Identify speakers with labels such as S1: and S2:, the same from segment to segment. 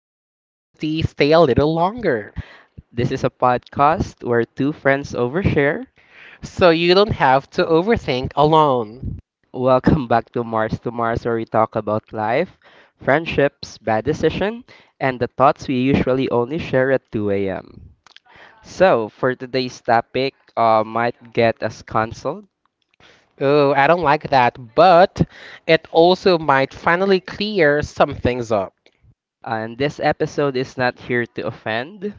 S1: out of curiosity, stay a little longer.
S2: This is a podcast where two friends overshare.
S1: So you don't have to overthink alone.
S2: Welcome back to Mars, where we talk about life, friendships, bad decision, and the thoughts we usually only share at 2 a.m. So, for today's topic, might get us canceled.
S1: Oh, I don't like that, but it also might finally clear some things up.
S2: And this episode is not here to offend.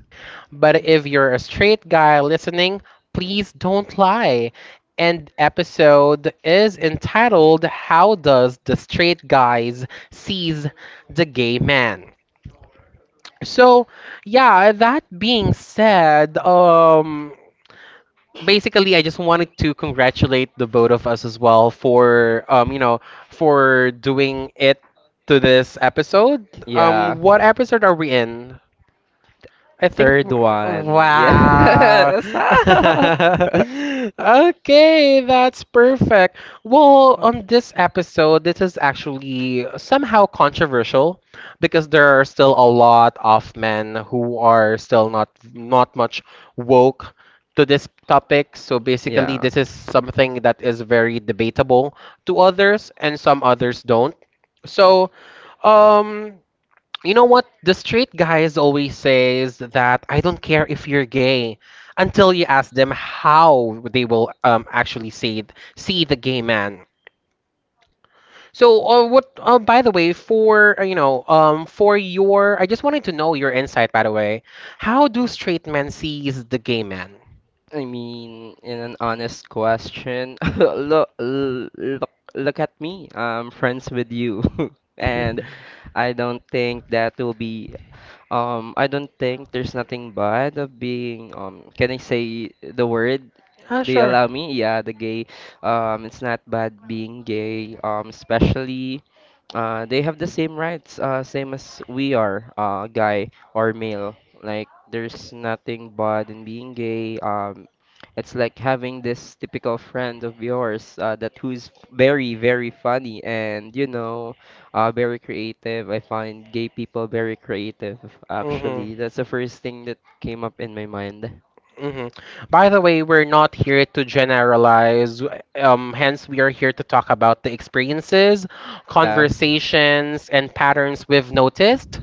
S1: But if you're a straight guy listening, please don't lie. And episode is entitled How Does the Straight Guys Seize the Gay Man? So, yeah, that being said, basically I just wanted to congratulate the both of us as well for you know, for doing it to this episode.
S2: Yeah.
S1: Um, what episode are we in? I think,
S2: Third one.
S1: wow.
S2: Yeah.
S1: Okay, that's perfect. Well, on this episode, this is actually somehow controversial because there are still a lot of men who are still not much woke to this topic. So basically,
S2: yeah.
S1: this is something that is very debatable to others, and some others don't. So, um, you know what? The straight guys always says that I don't care if you're gay until you ask them how they will actually see the gay man. So, what? By the way, for I just wanted to know your insight. By the way, how do straight men sees the gay man?
S2: I mean, in an honest question, look, look at me. I'm friends with you, and I don't think that will be. I don't think there's nothing bad of being. Can I say the word?
S1: Ah,
S2: Do you
S1: sure.
S2: allow me? Yeah, the gay. It's not bad being gay. Especially. They have the same rights, same as we are, guy or male. Like there's nothing bad in being gay. It's like having this typical friend of yours that who's very, very funny and you know, very creative. I find gay people very creative, actually.
S1: Mm-hmm.
S2: That's the first thing that came up in my mind.
S1: Hmm. By the way, we're not here to generalize. Hence, we are here to talk about the experiences,
S2: Yeah.
S1: conversations, and patterns we've noticed.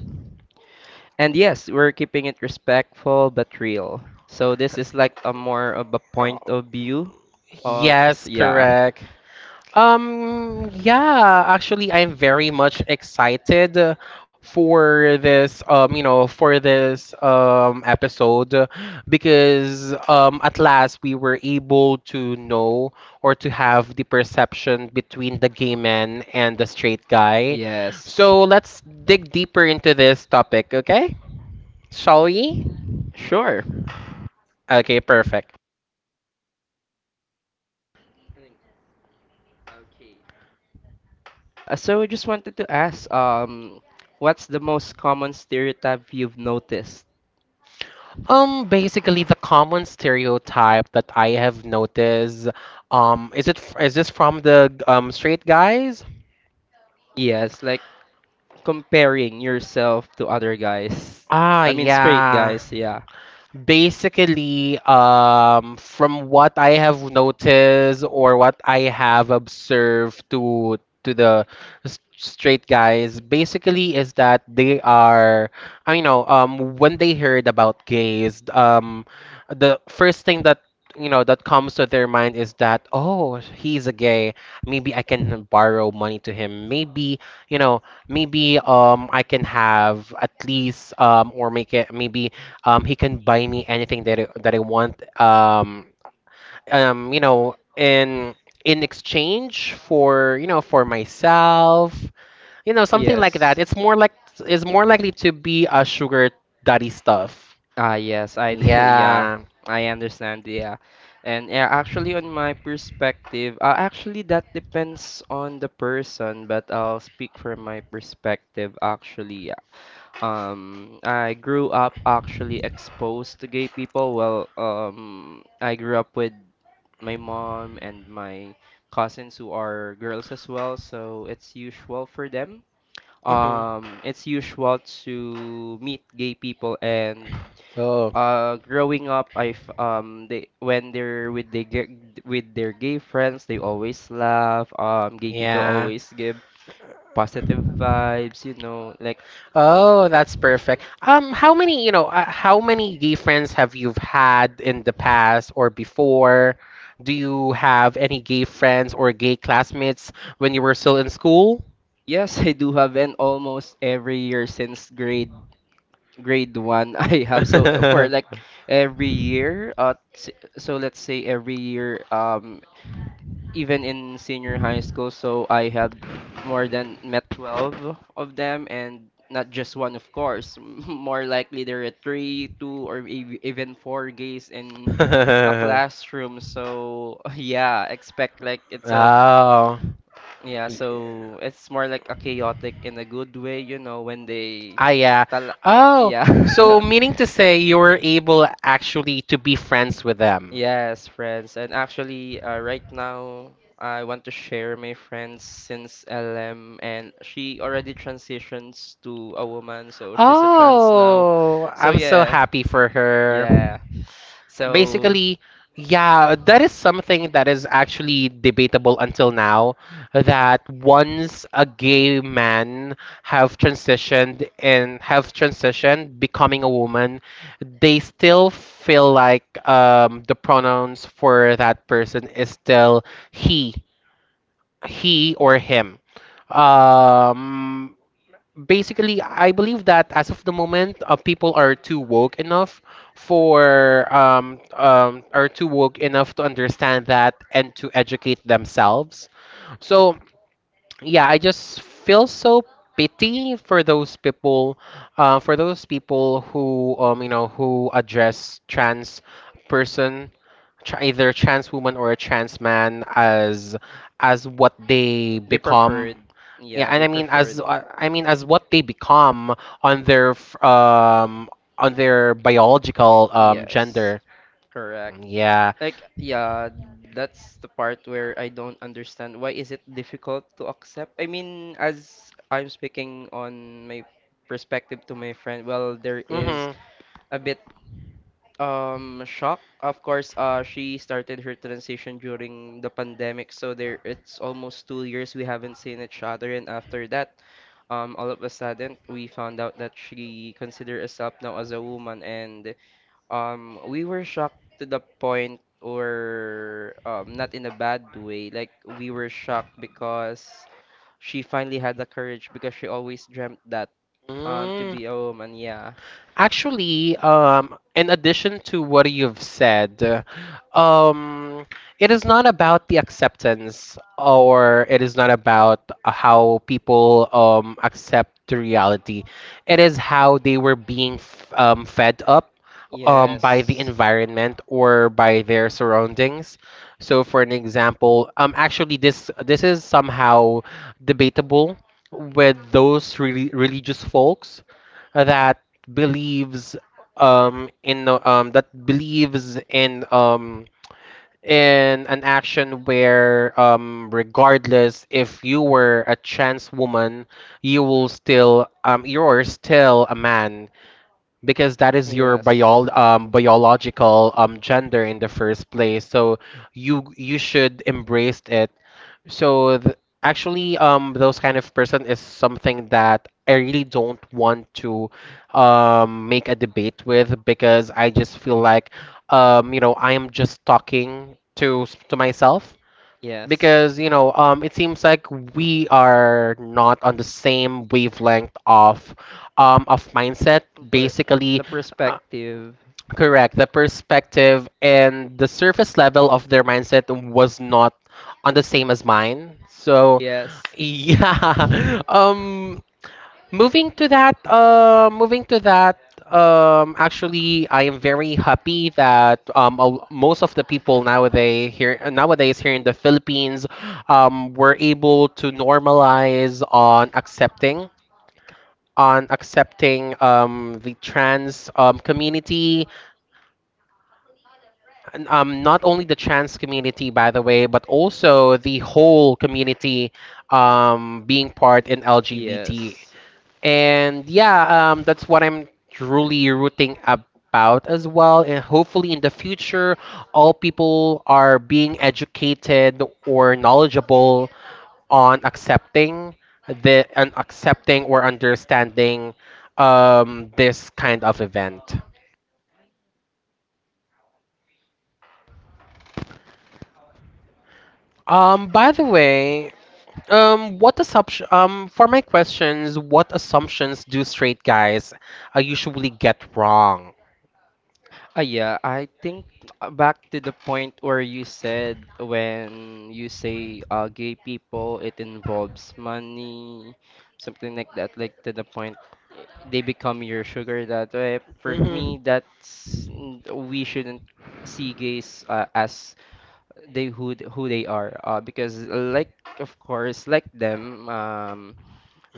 S2: And yes, we're keeping it respectful but real. So this is like a more of a point of view of
S1: Yes,
S2: yeah.
S1: correct. Yeah, actually, I'm very much excited for this, for this episode because at last we were able to know or to have the perception between the gay man and the straight guy.
S2: Yes.
S1: So let's dig deeper into this topic, okay? Shall we?
S2: Sure.
S1: Okay, perfect.
S2: So I just wanted to ask, what's the most common stereotype you've noticed?
S1: Basically the common stereotype that I have noticed, is this from the straight guys?
S2: Yes, like comparing yourself to other guys.
S1: Ah,
S2: I mean, straight
S1: yeah.
S2: guys, yeah.
S1: Basically, from what I have noticed or what I have observed to the straight guys, basically is that I know, when they heard about gays, the first thing that you know that comes to their mind is that oh, he's a gay, maybe I can borrow money to him, maybe you know, maybe I can have at least or make it maybe he can buy me anything that I want. You know, in exchange for you know for myself, you know, something like
S2: Yes.
S1: that. It's more likely to be a sugar daddy stuff.
S2: Ah, yes, I do. Yeah,
S1: Yeah.
S2: I understand. Yeah. And yeah, actually, on my perspective, actually, that depends on the person, but I'll speak from my perspective, actually. Yeah. I grew up actually exposed to gay people. Well, I grew up with my mom and my cousins who are girls as well, so it's usual for them
S1: Hmm.
S2: it's usual to meet gay people and
S1: Oh.
S2: growing up, I've they when they're with the with their gay friends, they always laugh. Gay people
S1: Yeah.
S2: always give positive vibes. You know, like
S1: Oh, that's perfect. How many, you know, how many gay friends have you had in the past or before? Do you have any gay friends or gay classmates when you were still in school?
S2: yes, I do have, and almost every year since grade one. I have so for like every year. So let's say every year. Even in senior high school. So I have more than met 12 of them and not just one, of course. More likely there are three, two, or even four gays in a classroom. So yeah, expect like it's a
S1: Oh.
S2: yeah, so it's more like a chaotic in a good way, you know, when they
S1: Ah, yeah. Oh,
S2: yeah.
S1: so meaning to say you were able actually to be friends with them.
S2: Yes, friends. And actually, right now, I want to share my friends since LM, and she already transitions to a woman, so she's a trans now.
S1: Oh,
S2: So,
S1: I'm so
S2: yeah,
S1: happy for her.
S2: yeah. So,
S1: Basically, yeah, that is something that is actually debatable until now. That once a gay man have transitioned becoming a woman, they still feel like the pronouns for that person is still he, he or him. Um, basically I believe that as of the moment people are too woke enough for are too woke enough to understand that and to educate themselves. So yeah, I just feel so pity for those people, who you know, who address trans person, either trans woman or a trans man as what they
S2: they
S1: become.
S2: preferred.
S1: Yeah,
S2: Yeah,
S1: and
S2: they
S1: I mean,
S2: preferred.
S1: as I mean, as what they become on their on their biological
S2: Yes,
S1: gender.
S2: correct.
S1: Yeah.
S2: Like, yeah, that's the part where I don't understand. Why is it difficult to accept? I mean, as I'm speaking on my perspective to my friend, well, there is a bit shock. Of course, she started her transition during the pandemic, so there it's almost 2 years we haven't seen each other, and after that, all of a sudden we found out that she considered herself now as a woman, and we were shocked to the point, or not in a bad way. Like we were shocked because she finally had the courage because she always dreamt that to
S1: Mm.
S2: be a woman. Yeah.
S1: Actually, in addition to what you've said, um, it is not about the acceptance, or it is not about how people accept the reality. It is how they were being f fed up
S2: Yes.
S1: by the environment or by their surroundings. So, for an example, actually, this is somehow debatable with those really religious folks that believes um in the- um that believes in um in an action where regardless if you were a trans woman, you will still you're still a man because that is your
S2: Yes.
S1: biological gender in the first place. So you should embrace it. so th- Actually, those kind of person is something that I really don't want to make a debate with, because I just feel like, you know, I am just talking to to myself
S2: Yes.
S1: because you know it seems like we are not on the same wavelength of mindset
S2: Per
S1: basically.
S2: the
S1: uh,
S2: perspective.
S1: Correct, the perspective and the surface level of their mindset was not on the same as mine. So,
S2: Yes.
S1: yeah. Moving to that. Actually, I am very happy that most of the people nowadays here in the Philippines, were able to normalize on accepting the trans community, not only the trans community, by the way, but also the whole community being part in LGBT.
S2: Yes.
S1: And yeah, that's what I'm truly rooting about as well. And hopefully, in the future, all people are being educated or knowledgeable on accepting the and accepting or understanding this kind of event. By the way, what assumption, for my questions, what assumptions do straight guys usually get wrong?
S2: Yeah, I think back to the point where you said when you say gay people, it involves money, something like that, like to the point they become your sugar that way. For
S1: Mhm.
S2: me, that's we shouldn't see gays as they who who they are, because like of course like them,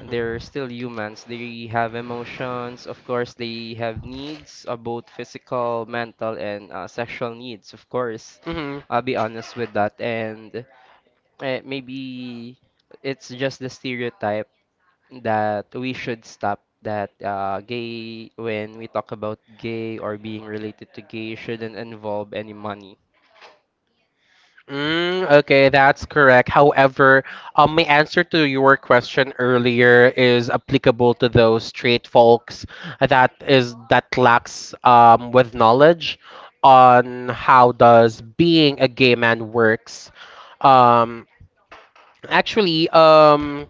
S2: they're still humans. They have emotions. Of course, they have needs, both physical, mental, and sexual needs. Of course,
S1: Mhm. Mhm.
S2: I'll be honest with that. And maybe it's just the stereotype that we should stop that gay, when we talk about gay or being related to gay, shouldn't involve any money.
S1: Mm, okay, that's correct. However, my answer to your question earlier is applicable to those straight folks that lacks with knowledge on how does being a gay man works. Um, actually, um,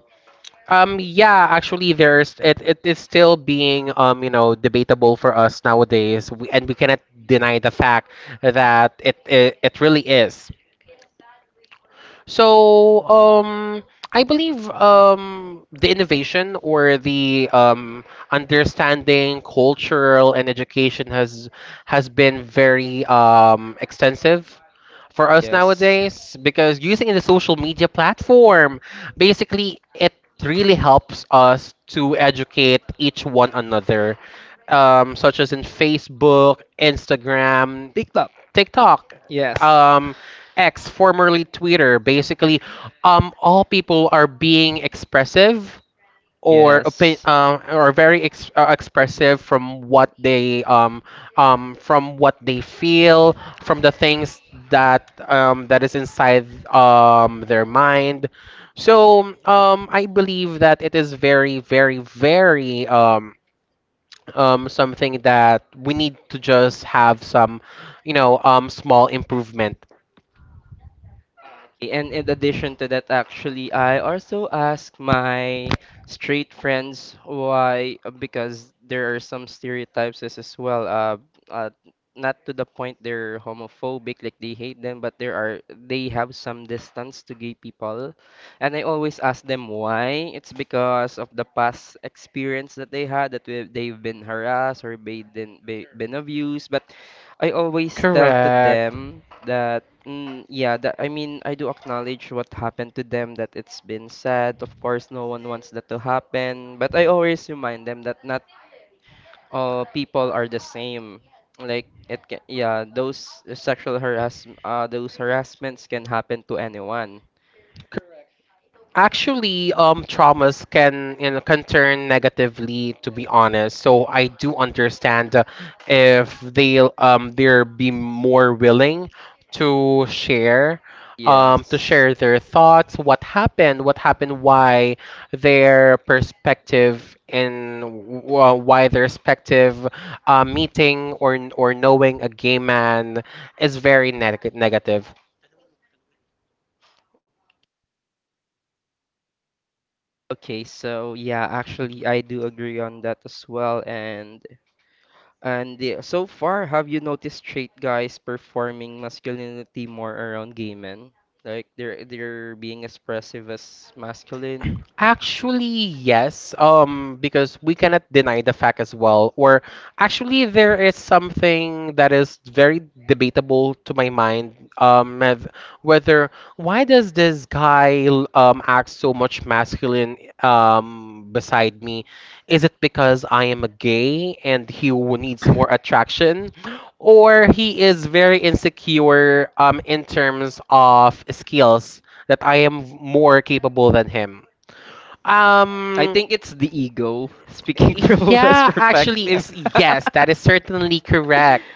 S1: yeah, actually, it is still being you know, debatable for us nowadays, and we cannot deny the fact that it really is. So, I believe the innovation or the understanding cultural and education has been very extensive for us
S2: Yes.
S1: nowadays because using the social media platform, basically it really helps us to educate each one another, such as in Facebook, Instagram,
S2: TikTok.
S1: TikTok,
S2: Yes.
S1: um, X, formerly Twitter. Basically, all people are being expressive
S2: Yes.
S1: or very expressive from what they feel, from the things that that is inside their mind. So I believe that it is very, very, very. Something that we need to just have some, you know, small improvement.
S2: And in addition to that, actually, I also ask my straight friends why, because there are some stereotypes as well. Uh, not to the point they're homophobic, like they hate them, but there are they have some distance to gay people. And I always ask them why. It's because of the past experience that they had that they've been harassed or been abused. But I always tell to
S1: Correct.
S2: them that, mm, yeah, that I mean, I do acknowledge what happened to them, that it's been sad. Of course, no one wants that to happen, but I always remind them that not all people are the same. Like it can, yeah, those those harassments can happen to anyone.
S1: Actually, traumas can you know, can turn negatively. To be honest, so I do understand if they they're be more willing to share, to
S2: Yes.
S1: share their thoughts, what happened, why their perspective and why their perspective meeting or knowing a gay man is very negative.
S2: Okay, so yeah, actually, I do agree on that as well, and yeah, so far, have you noticed straight guys performing masculinity more around gay men? Like they're being expressive as masculine.
S1: Actually, yes, because we cannot deny the fact as well. Or actually, there is something that is very debatable to my mind. Of whether why does this guy act so much masculine beside me? Is it because I am a gay and he needs more attraction, or he is very insecure in terms of skills that I am more capable than him?
S2: I
S1: Um,
S2: think it's the ego speaking from a best
S1: yeah, actually,
S2: perspective.
S1: yes, that is certainly correct.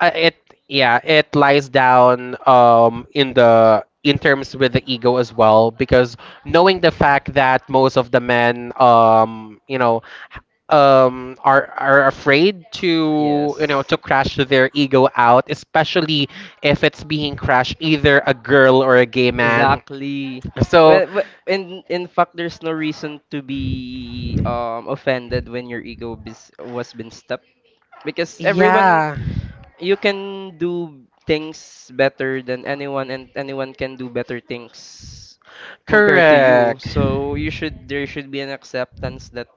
S1: It yeah, it lies down in the in terms with the ego as well because knowing the fact that most of the men you know are afraid to you
S2: Yes,
S1: know to crash their ego out, especially if it's being crashed either a girl or a gay man.
S2: exactly.
S1: So
S2: Well, so, in fact, there's no reason to be offended when your ego bis was been stepped because everyone
S1: yeah,
S2: you can do things better than anyone and anyone can do better things compared to you
S1: correct.
S2: so you should there should be an acceptance that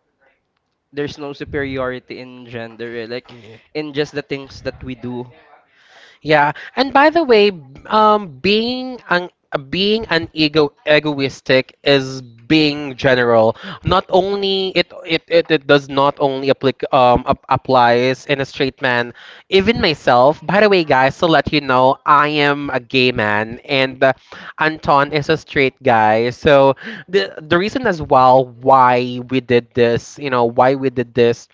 S2: there's no superiority in gender like in just the things that we do.
S1: Yeah, and by the way, um, being an being an egoistic is being general. Not only it does not only applic ap applies in a straight man. Even myself, by the way, guys, to let you know, I am a gay man, and Anton is a straight guy. So the reason as well why we did this, you know, why we did this,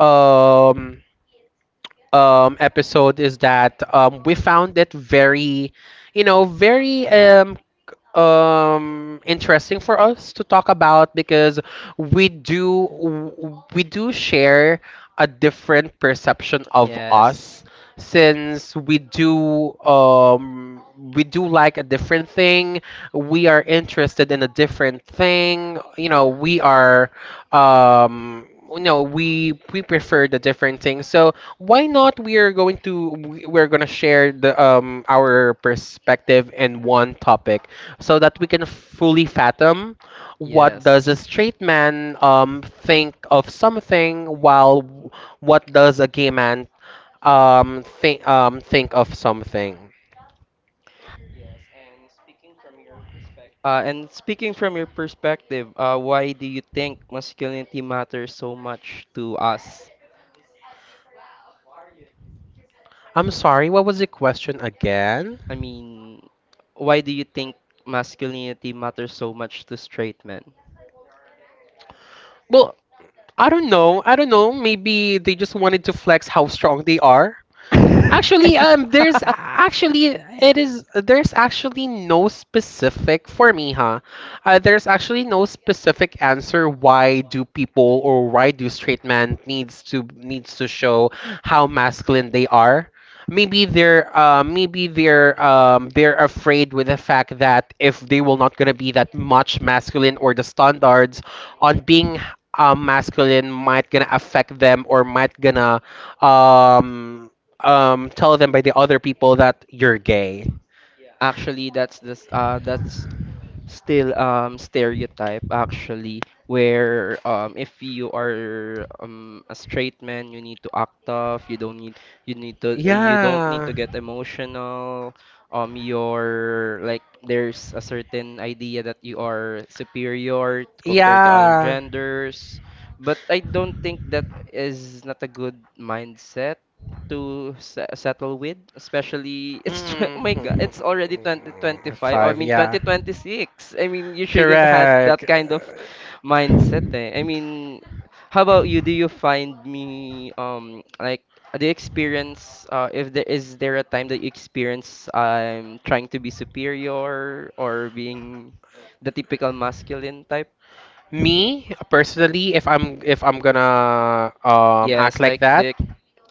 S1: um episode is that we found it very, you know, very interesting for us to talk about because we do share a different perception of us
S2: Yes.
S1: since we do like a different thing, we are interested in a different thing, you know, we are um you know we prefer the different things. So why not we are going to we're going to share the our perspective in one topic so that we can fully fathom what does a
S2: Yes.
S1: straight man think of something while what does a gay man think of something.
S2: And speaking from your perspective, why do you think masculinity matters so much to us?
S1: I'm sorry, what was the question again?
S2: i mean why do you think masculinity matters so much to straight men?
S1: Well, I don't know, maybe they just wanted to flex how strong they are. Actually, there's actually it is there's actually no specific for me, huh? There's actually no specific answer why do people or why do straight men needs to show how masculine they are. Maybe they're afraid with the fact that if they will not gonna be that much masculine or the standards on being masculine might gonna affect them or might gonna um tell them by the other people that you're gay.
S2: Actually, that's this that's still stereotype actually where if you are a straight man you need to act tough you need to you don't need to
S1: Yeah.
S2: get emotional you're like there's a certain idea that you are superior compared to other
S1: Yeah.
S2: genders but I don't think that is not a good mindset to settle with, especially it's oh
S1: Mm.
S2: my god, it's already 2025. I
S1: Five,
S2: mean
S1: yeah.
S2: 2026. I mean you shouldn't have
S1: Correct.
S2: that kind of mindset. Eh. I mean, how about you? Do you find me like do you experience if there is there a time that you experience trying to be superior or being the typical masculine type?
S1: Me personally, if I'm gonna act
S2: Yes, like
S1: like that,
S2: the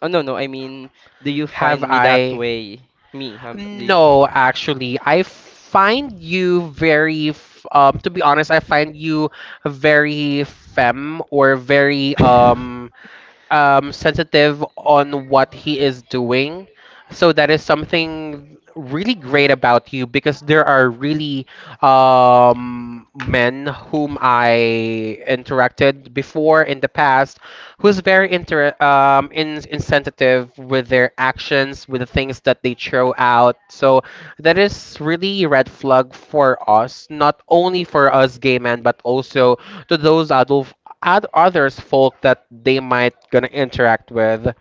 S2: oh no no I mean do you
S1: have
S2: find me that
S1: I
S2: way? Me do you?
S1: No, actually, I find you very, to be honest, I find you very femme or very sensitive on what he is doing. So that is something really great about you because there are really men whom I interacted before in the past who's very inter in insensitive with their actions, with the things that they throw out. So that is really a red flag for us, not only for us gay men, but also to those adult add others folk that they might gonna interact with.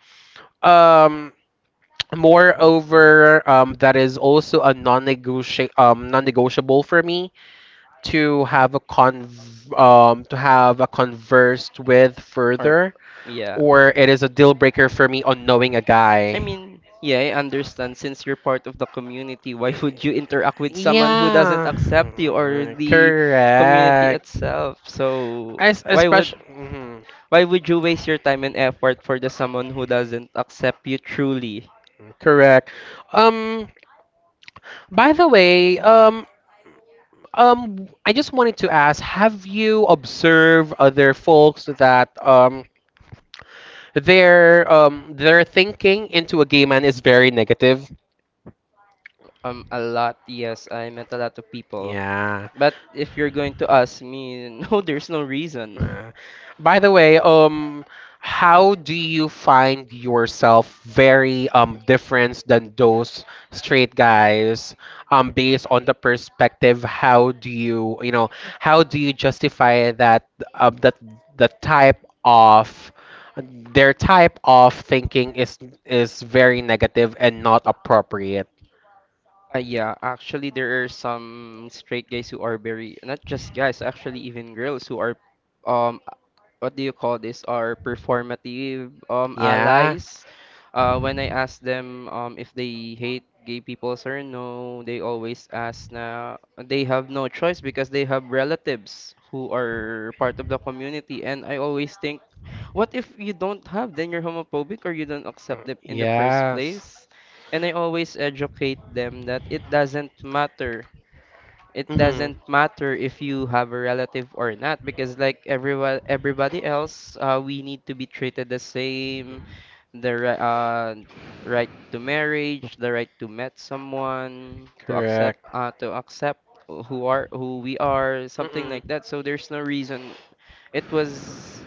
S1: Um, Moreover, that is also a non-negotiable for me to have a con to have a conversed with
S2: Or
S1: further,
S2: yeah.
S1: or it is a deal breaker for me on knowing a
S2: I
S1: guy.
S2: mean, yeah, I understand since you're part of the community, why would you interact with someone who doesn't
S1: Yeah.
S2: accept you or
S1: Mm,
S2: the community
S1: correct.
S2: itself? So
S1: I
S2: why would
S1: especially. Mm-hmm.
S2: why would you waste your time and effort for the someone who doesn't accept you truly?
S1: Correct. Um, by the way, I just wanted to ask, have you observed other folks that their thinking into a gay man is very negative?
S2: A lot, yes, I met a lot of people.
S1: Yeah.
S2: But if you're going to ask me, no, there's no reason.
S1: Uh, by the way, how do you find yourself very different than those straight guys? Based on the perspective, how do you, you know, how do you justify that that the type of their type of thinking is very negative and not appropriate?
S2: Yeah, actually, there are some straight guys who are very, not just guys, actually, even girls who are, um, what do you call this, are performative,
S1: Yeah.
S2: allies. When I ask them, if they hate gay people or no, they always ask na they have no choice because they have relatives who are part of the community. And I always think,
S1: Uh,
S2: what if you don't have, then you're homophobic or you don't accept it in the first
S1: Yes.
S2: place? And I always educate them that it doesn't matter. It doesn't
S1: Mhm.
S2: matter if you have a relative or not, because like everyone, everybody else, we need to be treated the same. The right to marriage, the right to meet someone,
S1: Correct.
S2: to accept who are who we are, something like
S1: Mm-mm.
S2: that. So there's no reason. It was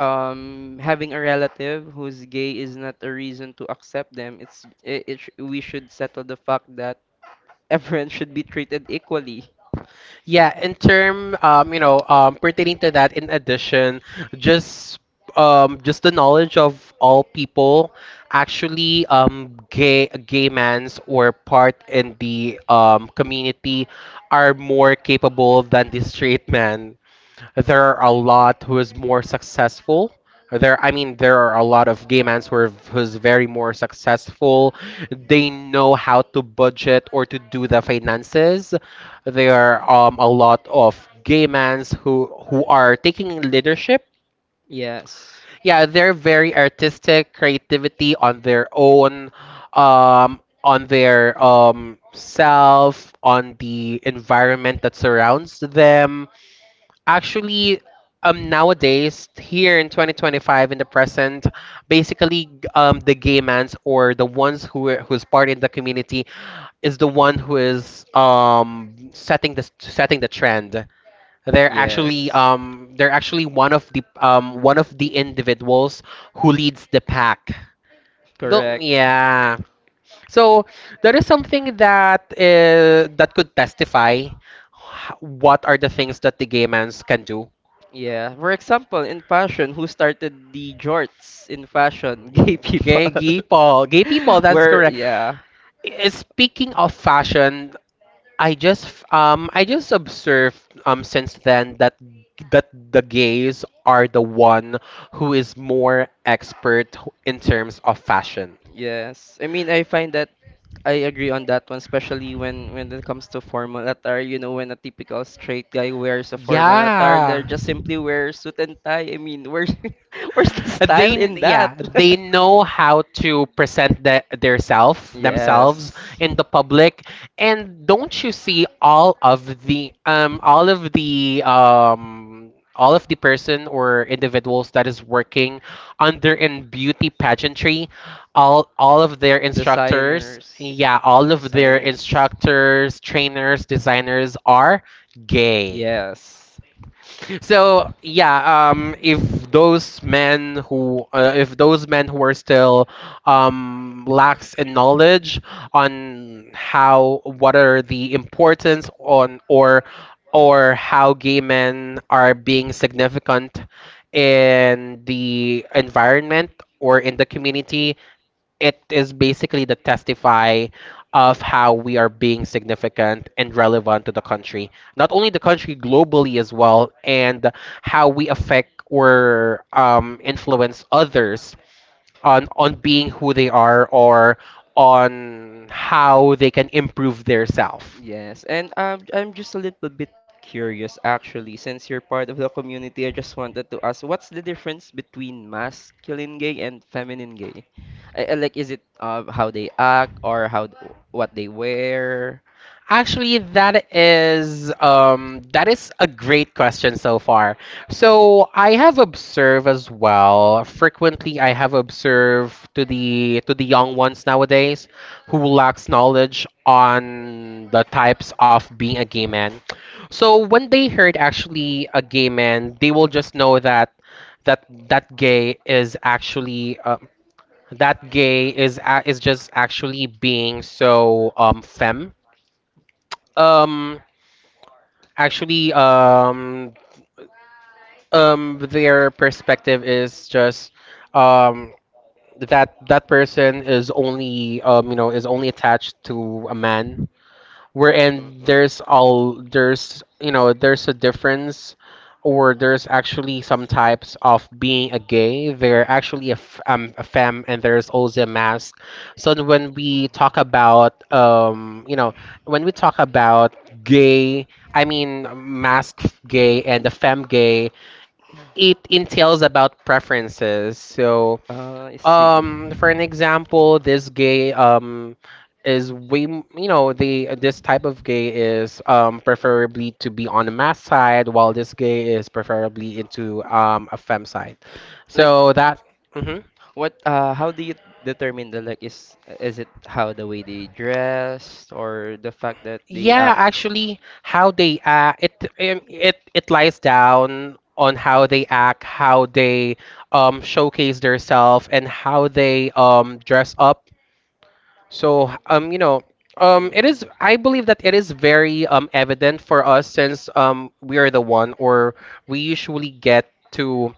S2: having a relative who's gay is not a reason to accept them. It's we should settle the fact that everyone should be treated equally.
S1: Yeah, in term, pertaining to that, in addition, just just the knowledge of all people, actually, gay mans or part in the community are more capable than the straight man. There are a lot who is more successful. I mean, there are a lot of gay men who's very more successful. They know how to budget or to do the finances. There are a lot of gay men who are taking leadership.
S2: Yes.
S1: Yeah, they're very artistic, creativity on their own, on their self, on the environment that surrounds them actually nowadays here in 2025 in the present basically the gay mans or the ones who's part in the community is the one who is setting the trend. They're actually
S2: Yes.
S1: they're actually one of the individuals who leads the pack. Don't,
S2: Correct.
S1: yeah, so that is something that could testify what are the things that the gay mans can do.
S2: Yeah, for example, in fashion, who started the jorts in fashion? Gay people.
S1: Gay people. Gay, gay people, gay people. That's
S2: Where
S1: correct.
S2: yeah
S1: Speaking of fashion, I just observed since then that the gays are the one who is more expert in terms of fashion.
S2: yes. I mean, I find that I agree on that one, especially when it comes to formal attire. You know, when a typical straight guy wears a formal attire, they
S1: Yeah.
S2: just simply wear suit and tie. I mean, where's where's the style
S1: they
S2: in
S1: yeah
S2: that?
S1: they know how to present themselves
S2: Yes,
S1: in the public. And don't you see all of the person or individuals that is working under in beauty pageantry. All of their instructors
S2: designers,
S1: yeah all of their
S2: designers.
S1: instructors trainers, designers are gay.
S2: Yes.
S1: So yeah, if those men who if those men who are still lacks in knowledge on how what are the importance on or how gay men are being significant in the environment or in the community, it is basically the testify of how we are being significant and relevant to the country, not only the country globally as well, and how we affect or influence others on being who they are or on how they can improve their self.
S2: Yes, and I'm just a little bit curious actually, since you're part of the community, I just wanted to ask, what's the difference between masculine gay and feminine gay? Like, is it how they act or how what they wear?
S1: Actually, that is a great question so far. So I have observed as well. Frequently, I have observed to the young ones nowadays who lacks knowledge on the types of being a gay man. So when they heard actually a gay man, they will just know that that that gay is actually, that gay is a is just actually being so femme. Um Actually, their perspective is just um, that that person is only you know, is only attached to a man, wherein
S2: Mm-hmm.
S1: there's, you know, there's a difference or there's actually some types of being a gay, they're actually a, a femme, and there's also a mask. So when we talk about, you know, when we talk about gay I mean mask gay and the femme gay, it entails about preferences. So
S2: Know. I see.
S1: for an example, this gay is you know, the this type of gay is preferably to be on the mass side, while this gay is preferably into a fem side.
S2: Like,
S1: So that, mhm.
S2: what how do you determine the like is it how the way they dress or the fact that they
S1: Yeah,
S2: Yeah, act?
S1: actually, how they act it, it lies down on how they act, how they showcase themselves, and how they dress up. So, you know,
S2: Mhm.
S1: it is, I believe that it is very evident for us since we are the one, or we usually get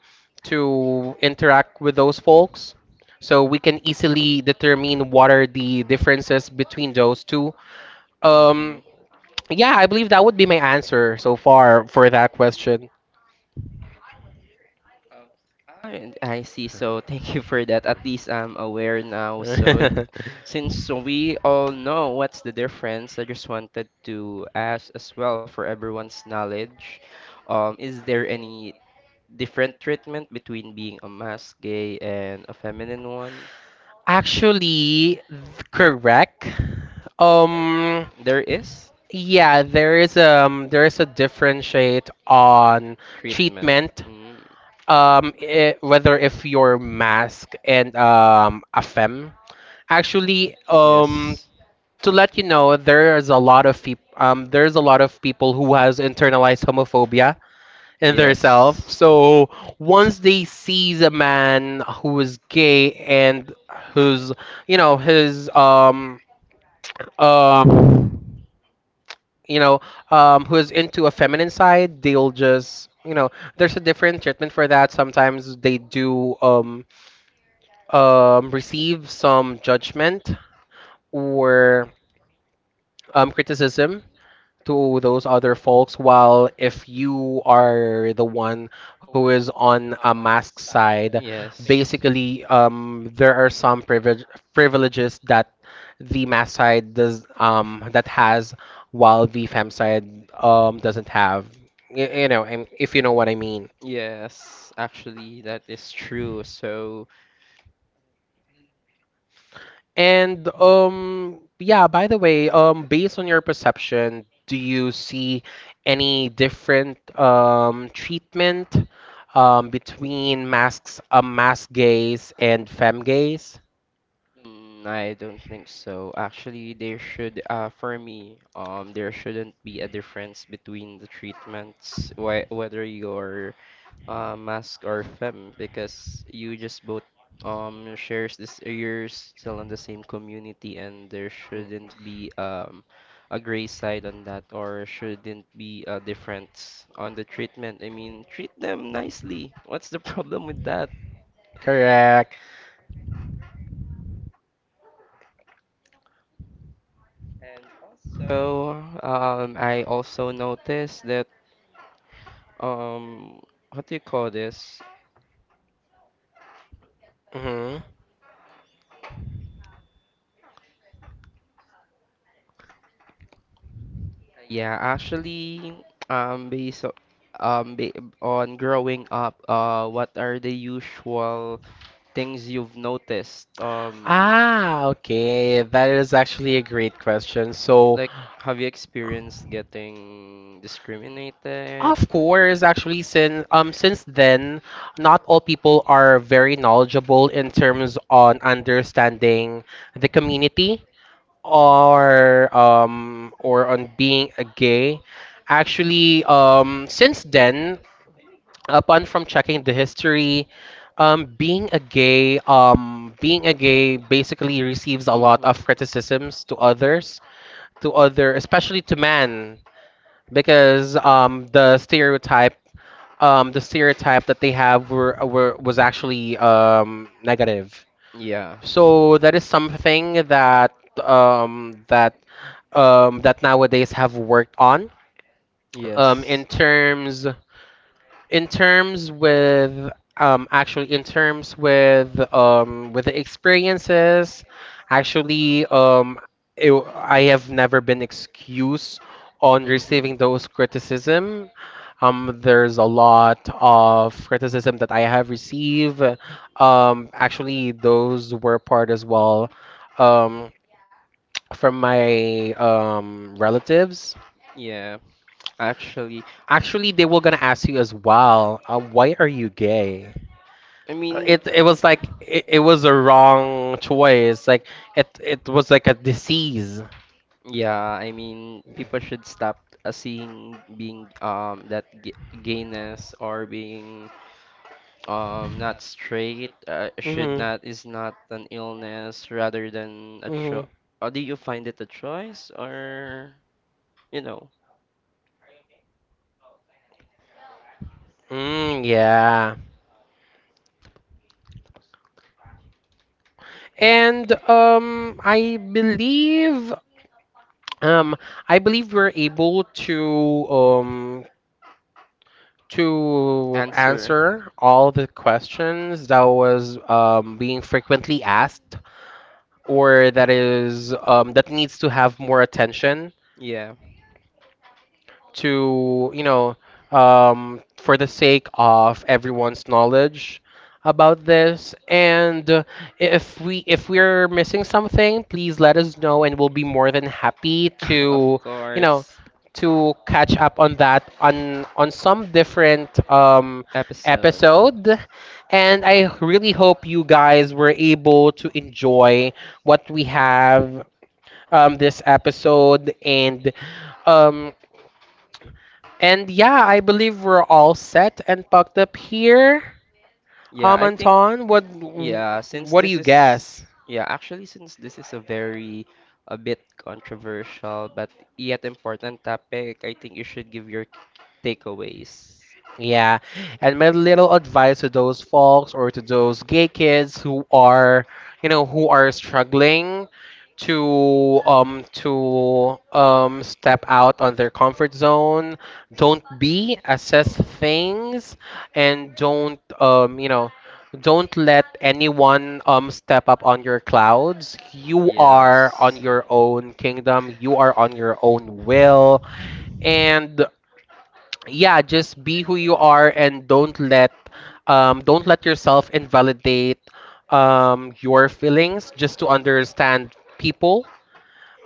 S1: to interact with those folks, so we can easily determine what are the differences between those two. Um,
S2: Mhm.
S1: yeah, I believe that would be my answer so far for that question.
S2: And I see. So thank you for that. At least I'm aware now. So since we all know what's the difference, I just wanted to ask as well for everyone's knowledge. Is there any different treatment between being a mask gay and a feminine one?
S1: Actually, correct. Um,
S2: There is
S1: yeah, there is a differentiate on
S2: treatment. Treatment.
S1: treatment.
S2: Mm.
S1: I whether if you're mask and a femme. Actually,
S2: Yes.
S1: to let you know, there is a lot of people. There's a lot of people who has internalized homophobia in their
S2: Yes.
S1: self. So once they sees a man who is gay and who's, you know, his um you know, who is into a feminine side, they'll just, you know, there's a different treatment for that. Sometimes they do receive some judgment or criticism to those other folks. While if you are the one who is
S2: Who
S1: on a mask side,
S2: yes.
S1: basically, there are some privileges that the mask side does that has, while the fem side doesn't have. You know, and if you know what I mean.
S2: Yes, actually, that is true. So,
S1: And yeah, by the way, based on your perception, do you see any different treatment between mask gays and femme gays?
S2: mm, I don't think so. Actually, there should, for me, there shouldn't be a difference between the treatments, wh whether you're Mask or Fem because you just both shares this you're still in the same community and there shouldn't be a gray side on that or shouldn't be a difference on the treatment. I mean, treat them nicely. What's the problem with that?
S1: Correct.
S2: So, I also noticed that um what do you call this?
S1: Mm-hmm.
S2: Yeah, actually, based o- ba on growing up, what are the usual things you've noticed?
S1: Ah, okay. That is actually a great question. So,
S2: Like, have you experienced getting discriminated? Mhm.
S1: of course, actually, since then, not all people are very knowledgeable in terms on understanding the community or on being a gay. Actually, since then, upon from checking the history, being a gay basically receives a lot of criticisms to others, to other, especially to men, because the stereotype that they have were was actually negative.
S2: Yeah.
S1: So that is something that um, that that nowadays have worked on, um,
S2: Yes.
S1: in terms in terms with actually in terms with the experiences. Actually, I have never been excused on receiving those criticism. There's a lot of criticism that I have received, actually those were part as well um from my relatives.
S2: Mhm. Yeah, actually,
S1: Actually they were gonna ask you as well, why are you gay.
S2: I mean,
S1: It was like, it was a wrong choice, like it was like a disease.
S2: yeah, I mean, people should stop seeing being that g gayness or being not straight
S1: Hmm.
S2: not is not an illness rather than a cho
S1: Hmm.
S2: or do you find it a choice or you know
S1: Mm, yeah. And um I believe we're able to
S2: answer?
S1: answer all the questions that was being frequently asked, or that is that needs to have more attention,
S2: Yeah.
S1: to, you know, for the sake of everyone's knowledge about this. And if we if we're missing something, please let us know and we'll be more than happy to, you know, to catch up on that, on some different episode. And I really hope you guys were able to enjoy what we have, this episode. And um, yeah, I believe we're all set and packed up here. Anton,
S2: yeah, since
S1: what do you guess?
S2: yeah, actually since this is a very a bit controversial but yet important topic, I think you should give your takeaways.
S1: Yeah, and my little advice to those folks or to those gay kids who are, you know, who are struggling to step out on their comfort zone, don't be, assess
S2: Hmm.
S1: things, and don't, you know, don't let anyone step up on your clouds. You are on your own kingdom. You are on your own will. And yeah, just be who you are and don't let, don't let yourself invalidate your feelings just to understand people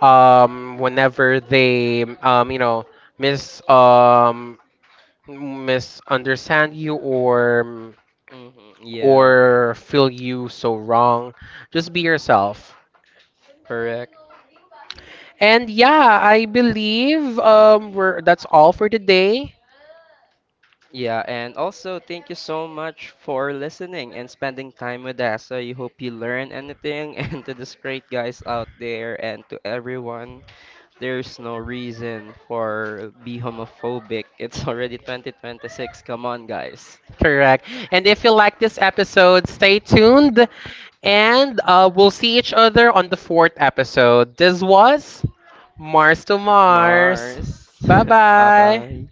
S1: whenever they you know, mis um misunderstand you or,
S2: Hmm.
S1: or feel you so wrong. Just be yourself.
S2: Correct.
S1: And yeah, I believe we're that's all for today.
S2: Yeah, and also thank you so much for listening and spending time with us. So you hope you learn anything and to these great guys out there and to everyone, there's no reason for be homophobic. It's already 2026. Come on, guys.
S1: Correct. And if you like this episode, stay tuned and we'll see each other on the fourth episode. This was Mars to Mars.
S2: Mars.
S1: Bye bye.
S2: Bye-bye.